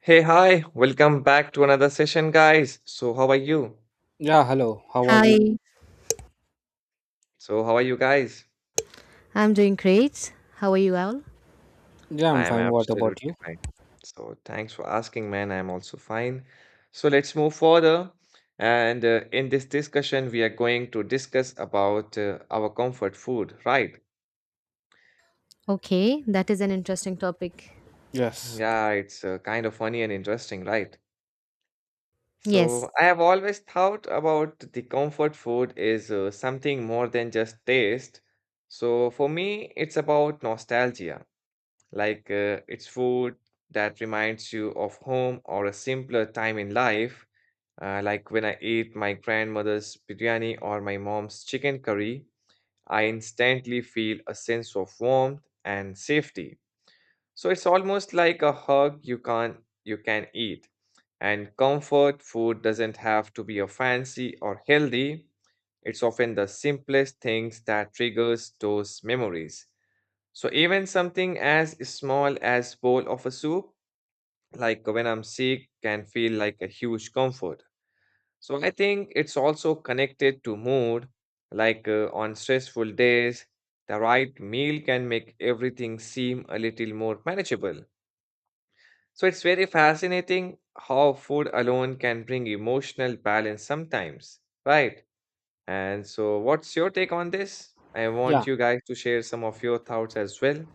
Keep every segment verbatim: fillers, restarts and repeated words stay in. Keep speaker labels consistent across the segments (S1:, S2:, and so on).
S1: Hey, hi, welcome back to another session, guys. So, how are you?
S2: Yeah, hello. How are
S3: Hi,
S2: you?
S1: So, how are you guys?
S3: I'm doing great. How are you all?
S2: Yeah,
S1: I
S2: I'm
S1: am
S2: fine. What about
S1: absolutely
S2: you?
S1: fine. So, thanks for asking, man. I'm also fine. So, let's move further. And uh, in this discussion, we are going to discuss about uh, our comfort food, right?
S3: Okay, that is an interesting topic.
S2: Yes.
S1: Yeah, it's uh, kind of funny and interesting, right?
S3: Yes.
S1: So, I have always thought about the comfort food is uh, something more than just taste. So, for me, it's about nostalgia. Like uh, it's food that reminds you of home or a simpler time in life. Uh, like when I eat my grandmother's biryani or my mom's chicken curry, I instantly feel a sense of warmth and safety. So it's almost like a hug you can't you can eat. And comfort food doesn't have to be a fancy or healthy. It's often the simplest things that triggers those memories. So even something as small as bowl of a soup, like when I'm sick, can feel like a huge comfort. So I think it's also connected to mood, like uh, on stressful days, the right meal can make everything seem a little more manageable. So it's very fascinating how food alone can bring emotional balance sometimes, right? And so what's your take on this? I
S2: Yeah,
S1: want you guys to share some of your thoughts as well.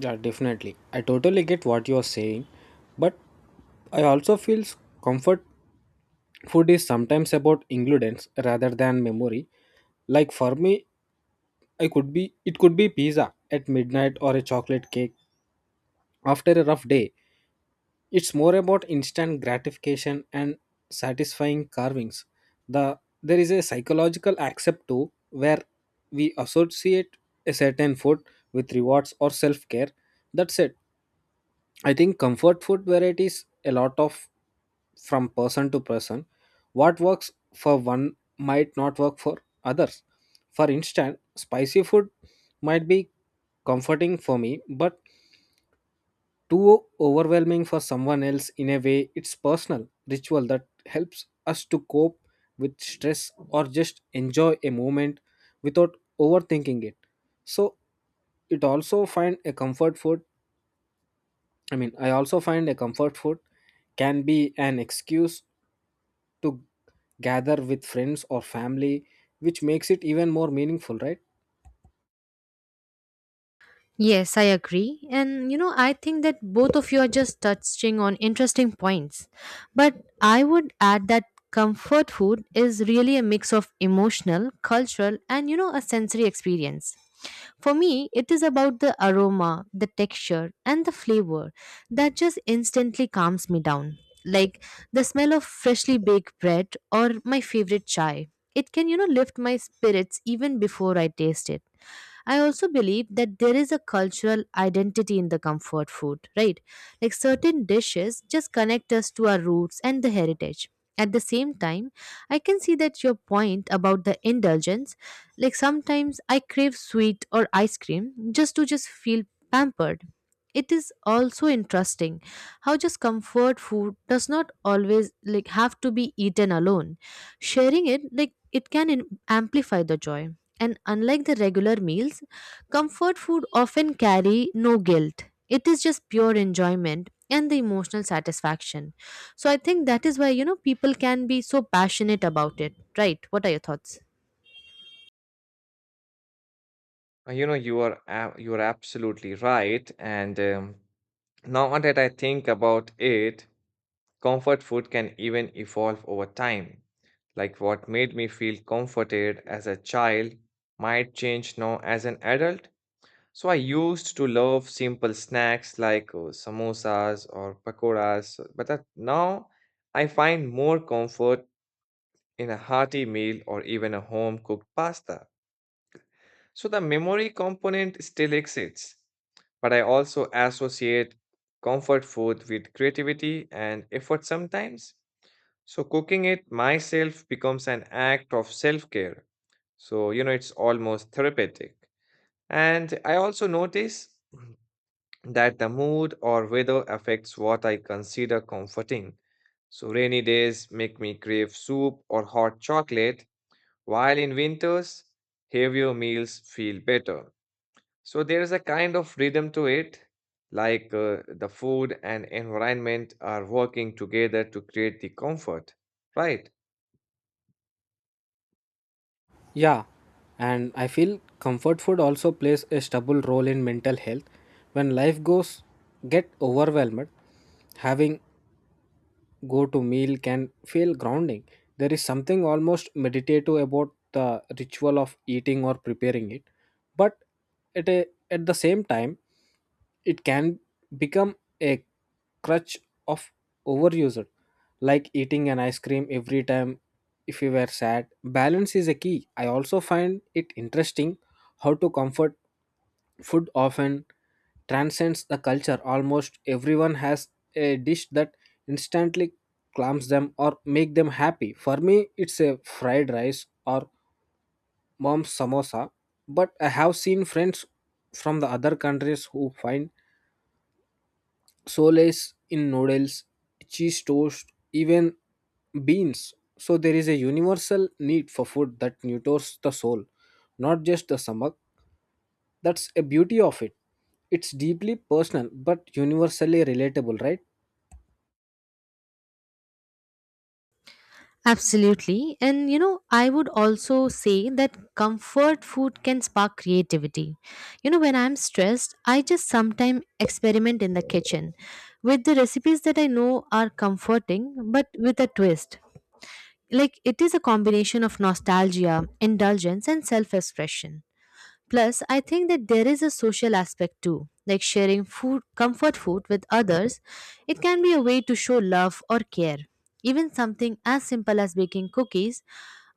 S2: yeah, definitely. I totally get what you're saying, but I also feel s- comfort food is sometimes about ingredients rather than memory. Like for me, I could be it could be pizza at midnight or a chocolate cake after a rough day. It's more about instant gratification and satisfying carvings. The there is a psychological aspect too, where we associate a certain food with rewards or self-care. That's it. I think comfort food varieties a lot of from person to person. What works for one might not work for others. For instance, spicy food might be comforting for me, but too overwhelming for someone else. In a way, it's personal ritual that helps us to cope with stress or just enjoy a moment without overthinking it. So it also find a comfort food I mean I also find a comfort food can be an excuse to gather with friends or family, which makes it even more meaningful, right?
S3: Yes, I agree. And you know, I think that both of you are just touching on interesting points. But I would add that comfort food is really a mix of emotional, cultural, and you know, a sensory experience. For me, it is about the aroma, the texture, and the flavor that just instantly calms me down. Like the smell of freshly baked bread or my favorite chai. It can, you know, lift my spirits even before I taste it. I also believe that there is a cultural identity in the comfort food, right? Like certain dishes just connect us to our roots and the heritage. At the same time, I can see that your point about the indulgence, like sometimes I crave sweet or ice cream just to just feel pampered. It is also interesting how just comfort food does not always like have to be eaten alone. Sharing it, like it can in- amplify the joy, and unlike the regular meals, comfort food often carry no guilt. It is just pure enjoyment and the emotional satisfaction. So I think that is why you know people can be so passionate about it, right? What are your thoughts?
S1: Uh, You know, you are ab- you are absolutely right. And um, now that I think about it, comfort food can even evolve over time. Like what made me feel comforted as a child might change now as an adult. So I used to love simple snacks like uh, samosas or pakoras, but that now I find more comfort in a hearty meal or even a home cooked pasta. So the memory component still exists, but I also associate comfort food with creativity and effort sometimes. So cooking it myself becomes an act of self care. So, you know, it's almost therapeutic. And I also notice that the mood or weather affects what I consider comforting. So, rainy days make me crave soup or hot chocolate, while in winters, heavier meals feel better. So there's a kind of rhythm to it, like uh, the food and environment are working together to create the comfort, right?
S2: Yeah, and I feel comfort food also plays a stubble role in mental health. When life goes get overwhelmed, having go to meal can feel grounding. There is something almost meditative about the ritual of eating or preparing it, but at a, at the same time it can become a crutch of overuser, like eating an ice cream every time if you were sad. Balance is a key. I also find it interesting how to comfort food often transcends the culture. Almost everyone has a dish that instantly calms them or make them happy. For me it's a fried rice or mom's samosa, but I have seen friends from the other countries who find solace in noodles, cheese toast, even beans. So there is a universal need for food that nurtures the soul, not just the stomach. That's a beauty of it. It's deeply personal but universally relatable, right?
S3: Absolutely. And you know, I would also say that comfort food can spark creativity. You know, when I'm stressed, I just sometimes experiment in the kitchen with the recipes that I know are comforting but with a twist. Like it is a combination of nostalgia, indulgence, and self expression. Plus, I think that there is a social aspect too, like sharing food, comfort food with others. It can be a way to show love or care. Even something as simple as baking cookies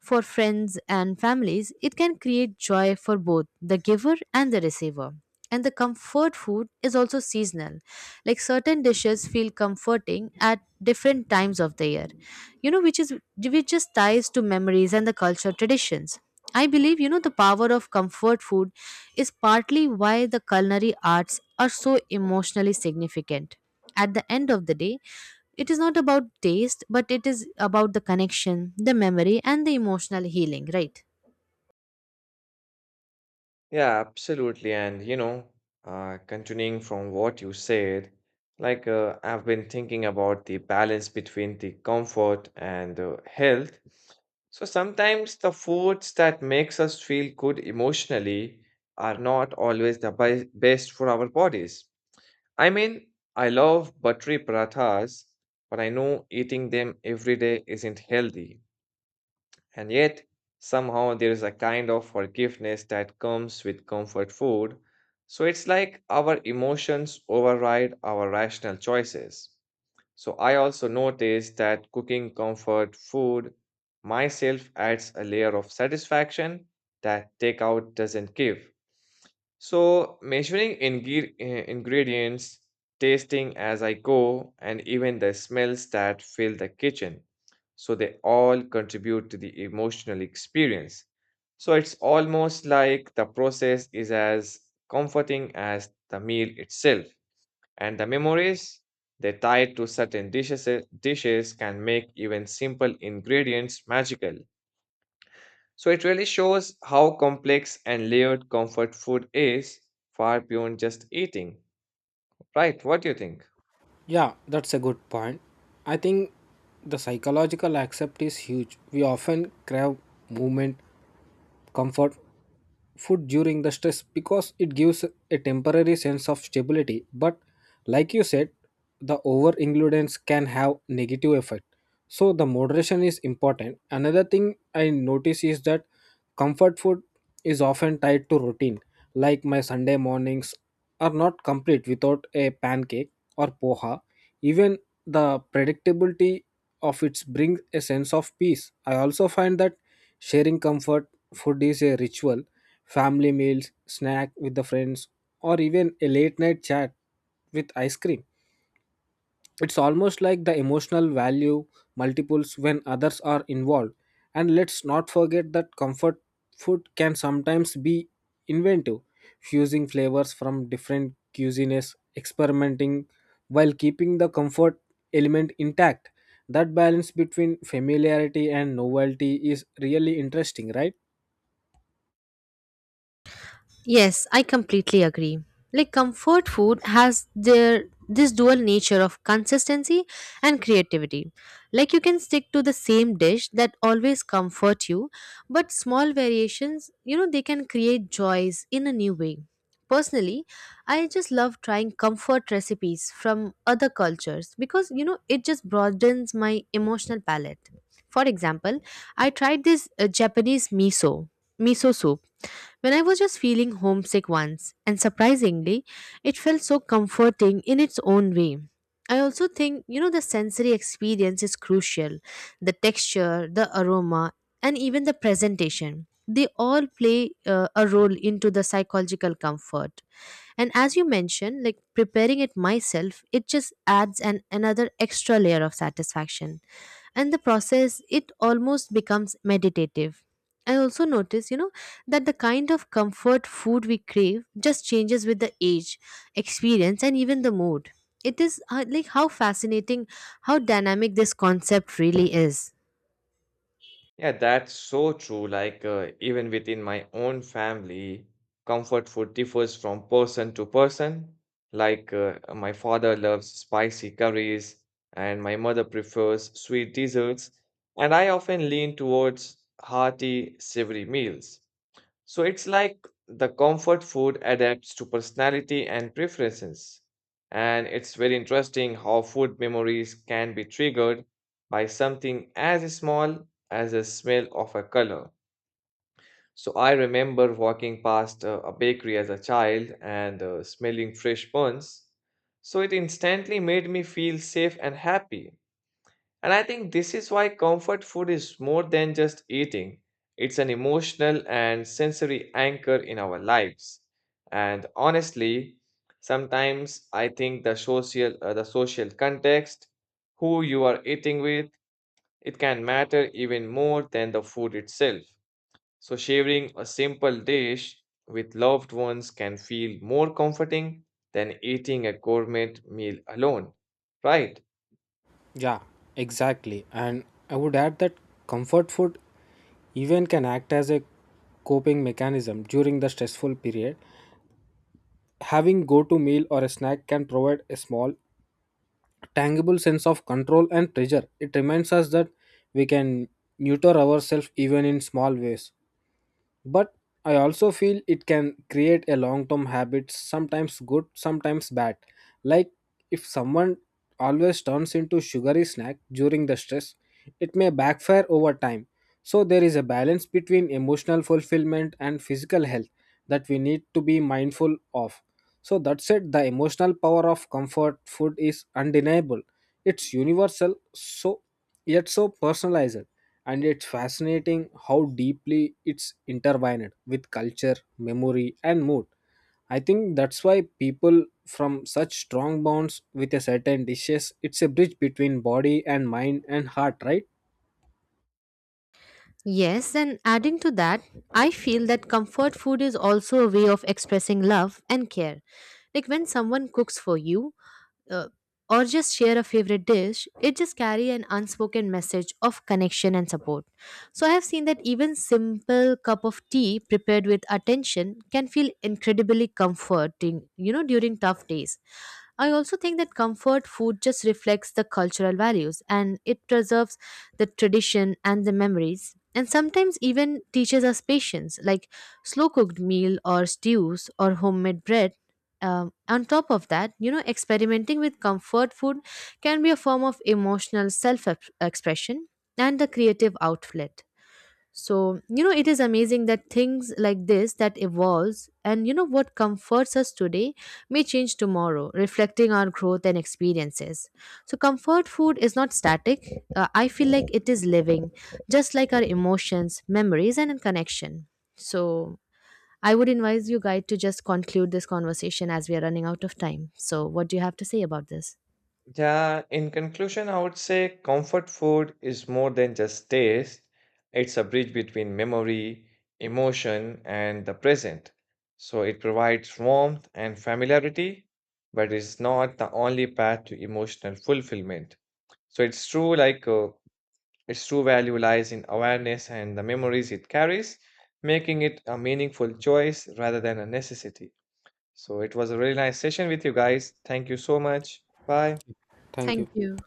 S3: for friends and families, it can create joy for both the giver and the receiver. And the comfort food is also seasonal. Like certain dishes feel comforting at different times of the year. You know, which is which just ties to memories and the cultural traditions. I believe, you know, the power of comfort food is partly why the culinary arts are so emotionally significant. At the end of the day, it is not about taste, but it is about the connection, the memory, and the emotional healing, right?
S1: Yeah, absolutely. And you know, uh, continuing from what you said, like uh, I've been thinking about the balance between the comfort and uh, health. So sometimes the foods that makes us feel good emotionally are not always the bi- best for our bodies. I mean, I love buttery parathas, but I know eating them every day isn't healthy. And yet, somehow there is a kind of forgiveness that comes with comfort food. So it's like our emotions override our rational choices. So I also noticed that cooking comfort food myself adds a layer of satisfaction that takeout doesn't give. So, measuring ingre- eh, ingredients, tasting as I go, and even the smells that fill the kitchen. So, they all contribute to the emotional experience. So, it's almost like the process is as comforting as the meal itself. And the memories they tie to certain dishes, eh, dishes can make even simple ingredients magical. So it really shows how complex and layered comfort food is, far beyond just eating, right? What do you think?
S2: Yeah, that's a good point. I think the psychological accept is huge. We often crave movement, comfort, food during the stress because it gives a temporary sense of stability, but like you said, the over indulgence can have negative effect, so the moderation is important. Another thing I notice is that comfort food is often tied to routine, like my Sunday mornings are not complete without a pancake or poha. Even the predictability of it brings a sense of peace. I also find that sharing comfort food is a ritual: family meals, snack with the friends, or even a late night chat with ice cream. It's almost like the emotional value multiples when others are involved. And let's not forget that comfort food can sometimes be inventive, fusing flavors from different cuisines, experimenting while keeping the comfort element intact. That balance between familiarity and novelty is really interesting, right?
S3: Yes, I completely agree. Like comfort food has their this dual nature of consistency and creativity. Like you can stick to the same dish that always comfort you, but small variations, you know, they can create joys in a new way. Personally, I just love trying comfort recipes from other cultures because you know it just broadens my emotional palette. For example, I tried this uh, Japanese miso miso soup when I was just feeling homesick once, and surprisingly, it felt so comforting in its own way. I also think, you know, the sensory experience is crucial. The texture, the aroma, and even the presentation. They all play uh, a role into the psychological comfort. And as you mentioned, like preparing it myself, it just adds an another extra layer of satisfaction and the process it almost becomes meditative. I also notice, you know, that the kind of comfort food we crave just changes with the age, experience, and even the mood. It is uh, like how fascinating, how dynamic this concept really is.
S1: Yeah, that's so true. Like, uh, even within my own family, comfort food differs from person to person. Like, uh, my father loves spicy curries, and my mother prefers sweet desserts, and I often lean towards hearty, savory meals. So it's like the comfort food adapts to personality and preferences. And it's very interesting how food memories can be triggered by something as small as a smell of a color. So I remember walking past uh, a bakery as a child and uh, smelling fresh buns. So it instantly made me feel safe and happy. And I think this is why comfort food is more than just eating, it's an emotional and sensory anchor in our lives. And honestly, sometimes I think the social uh, the social context, who you are eating with, it can matter even more than the food itself. So sharing a simple dish with loved ones can feel more comforting than eating a gourmet meal alone, right?
S2: Yeah, exactly. And I would add that comfort food even can act as a coping mechanism during the stressful period. Having go-to meal or a snack can provide a small, tangible sense of control and pleasure. It reminds us that we can nurture ourselves even in small ways. But I also feel it can create a long term habit, sometimes good, sometimes bad. Like if someone always turns into sugary snack during the stress, it may backfire over time. So there is a balance between emotional fulfillment and physical health that we need to be mindful of. So that said, the emotional power of comfort food is undeniable. It's universal, so yet so personalized, and it's fascinating how deeply it's intertwined with culture, memory, and mood. I think that's why people from such strong bonds with a certain dishes. It's a bridge between body and mind and heart, right?
S3: Yes, and adding to that, I feel that comfort food is also a way of expressing love and care. Like when someone cooks for you, uh, or just share a favorite dish, it just carry an unspoken message of connection and support. So I have seen that even simple cup of tea prepared with attention can feel incredibly comforting, you know, during tough days. I also think that comfort food just reflects the cultural values and it preserves the tradition and the memories, and sometimes even teaches us patience, like slow cooked meal or stews or homemade bread. Um, on top of that, you know, experimenting with comfort food can be a form of emotional self expression and a creative outlet. So, you know, it is amazing that things like this that evolves and you know what comforts us today may change tomorrow, reflecting our growth and experiences. So, comfort food is not static. Uh, I feel like it is living, just like our emotions, memories, and connection. So, I would advise you, guys, to just conclude this conversation as we are running out of time. So, what do you have to say about this?
S1: Yeah, in conclusion, I would say comfort food is more than just taste. It's a bridge between memory, emotion, and the present. So it provides warmth and familiarity, but it's not the only path to emotional fulfillment. So it's true, like, uh, its true value lies in awareness and the memories it carries, making it a meaningful choice rather than a necessity. So it was a really nice session with you guys. Thank you so much. Bye.
S2: Thank you.
S3: Thank you.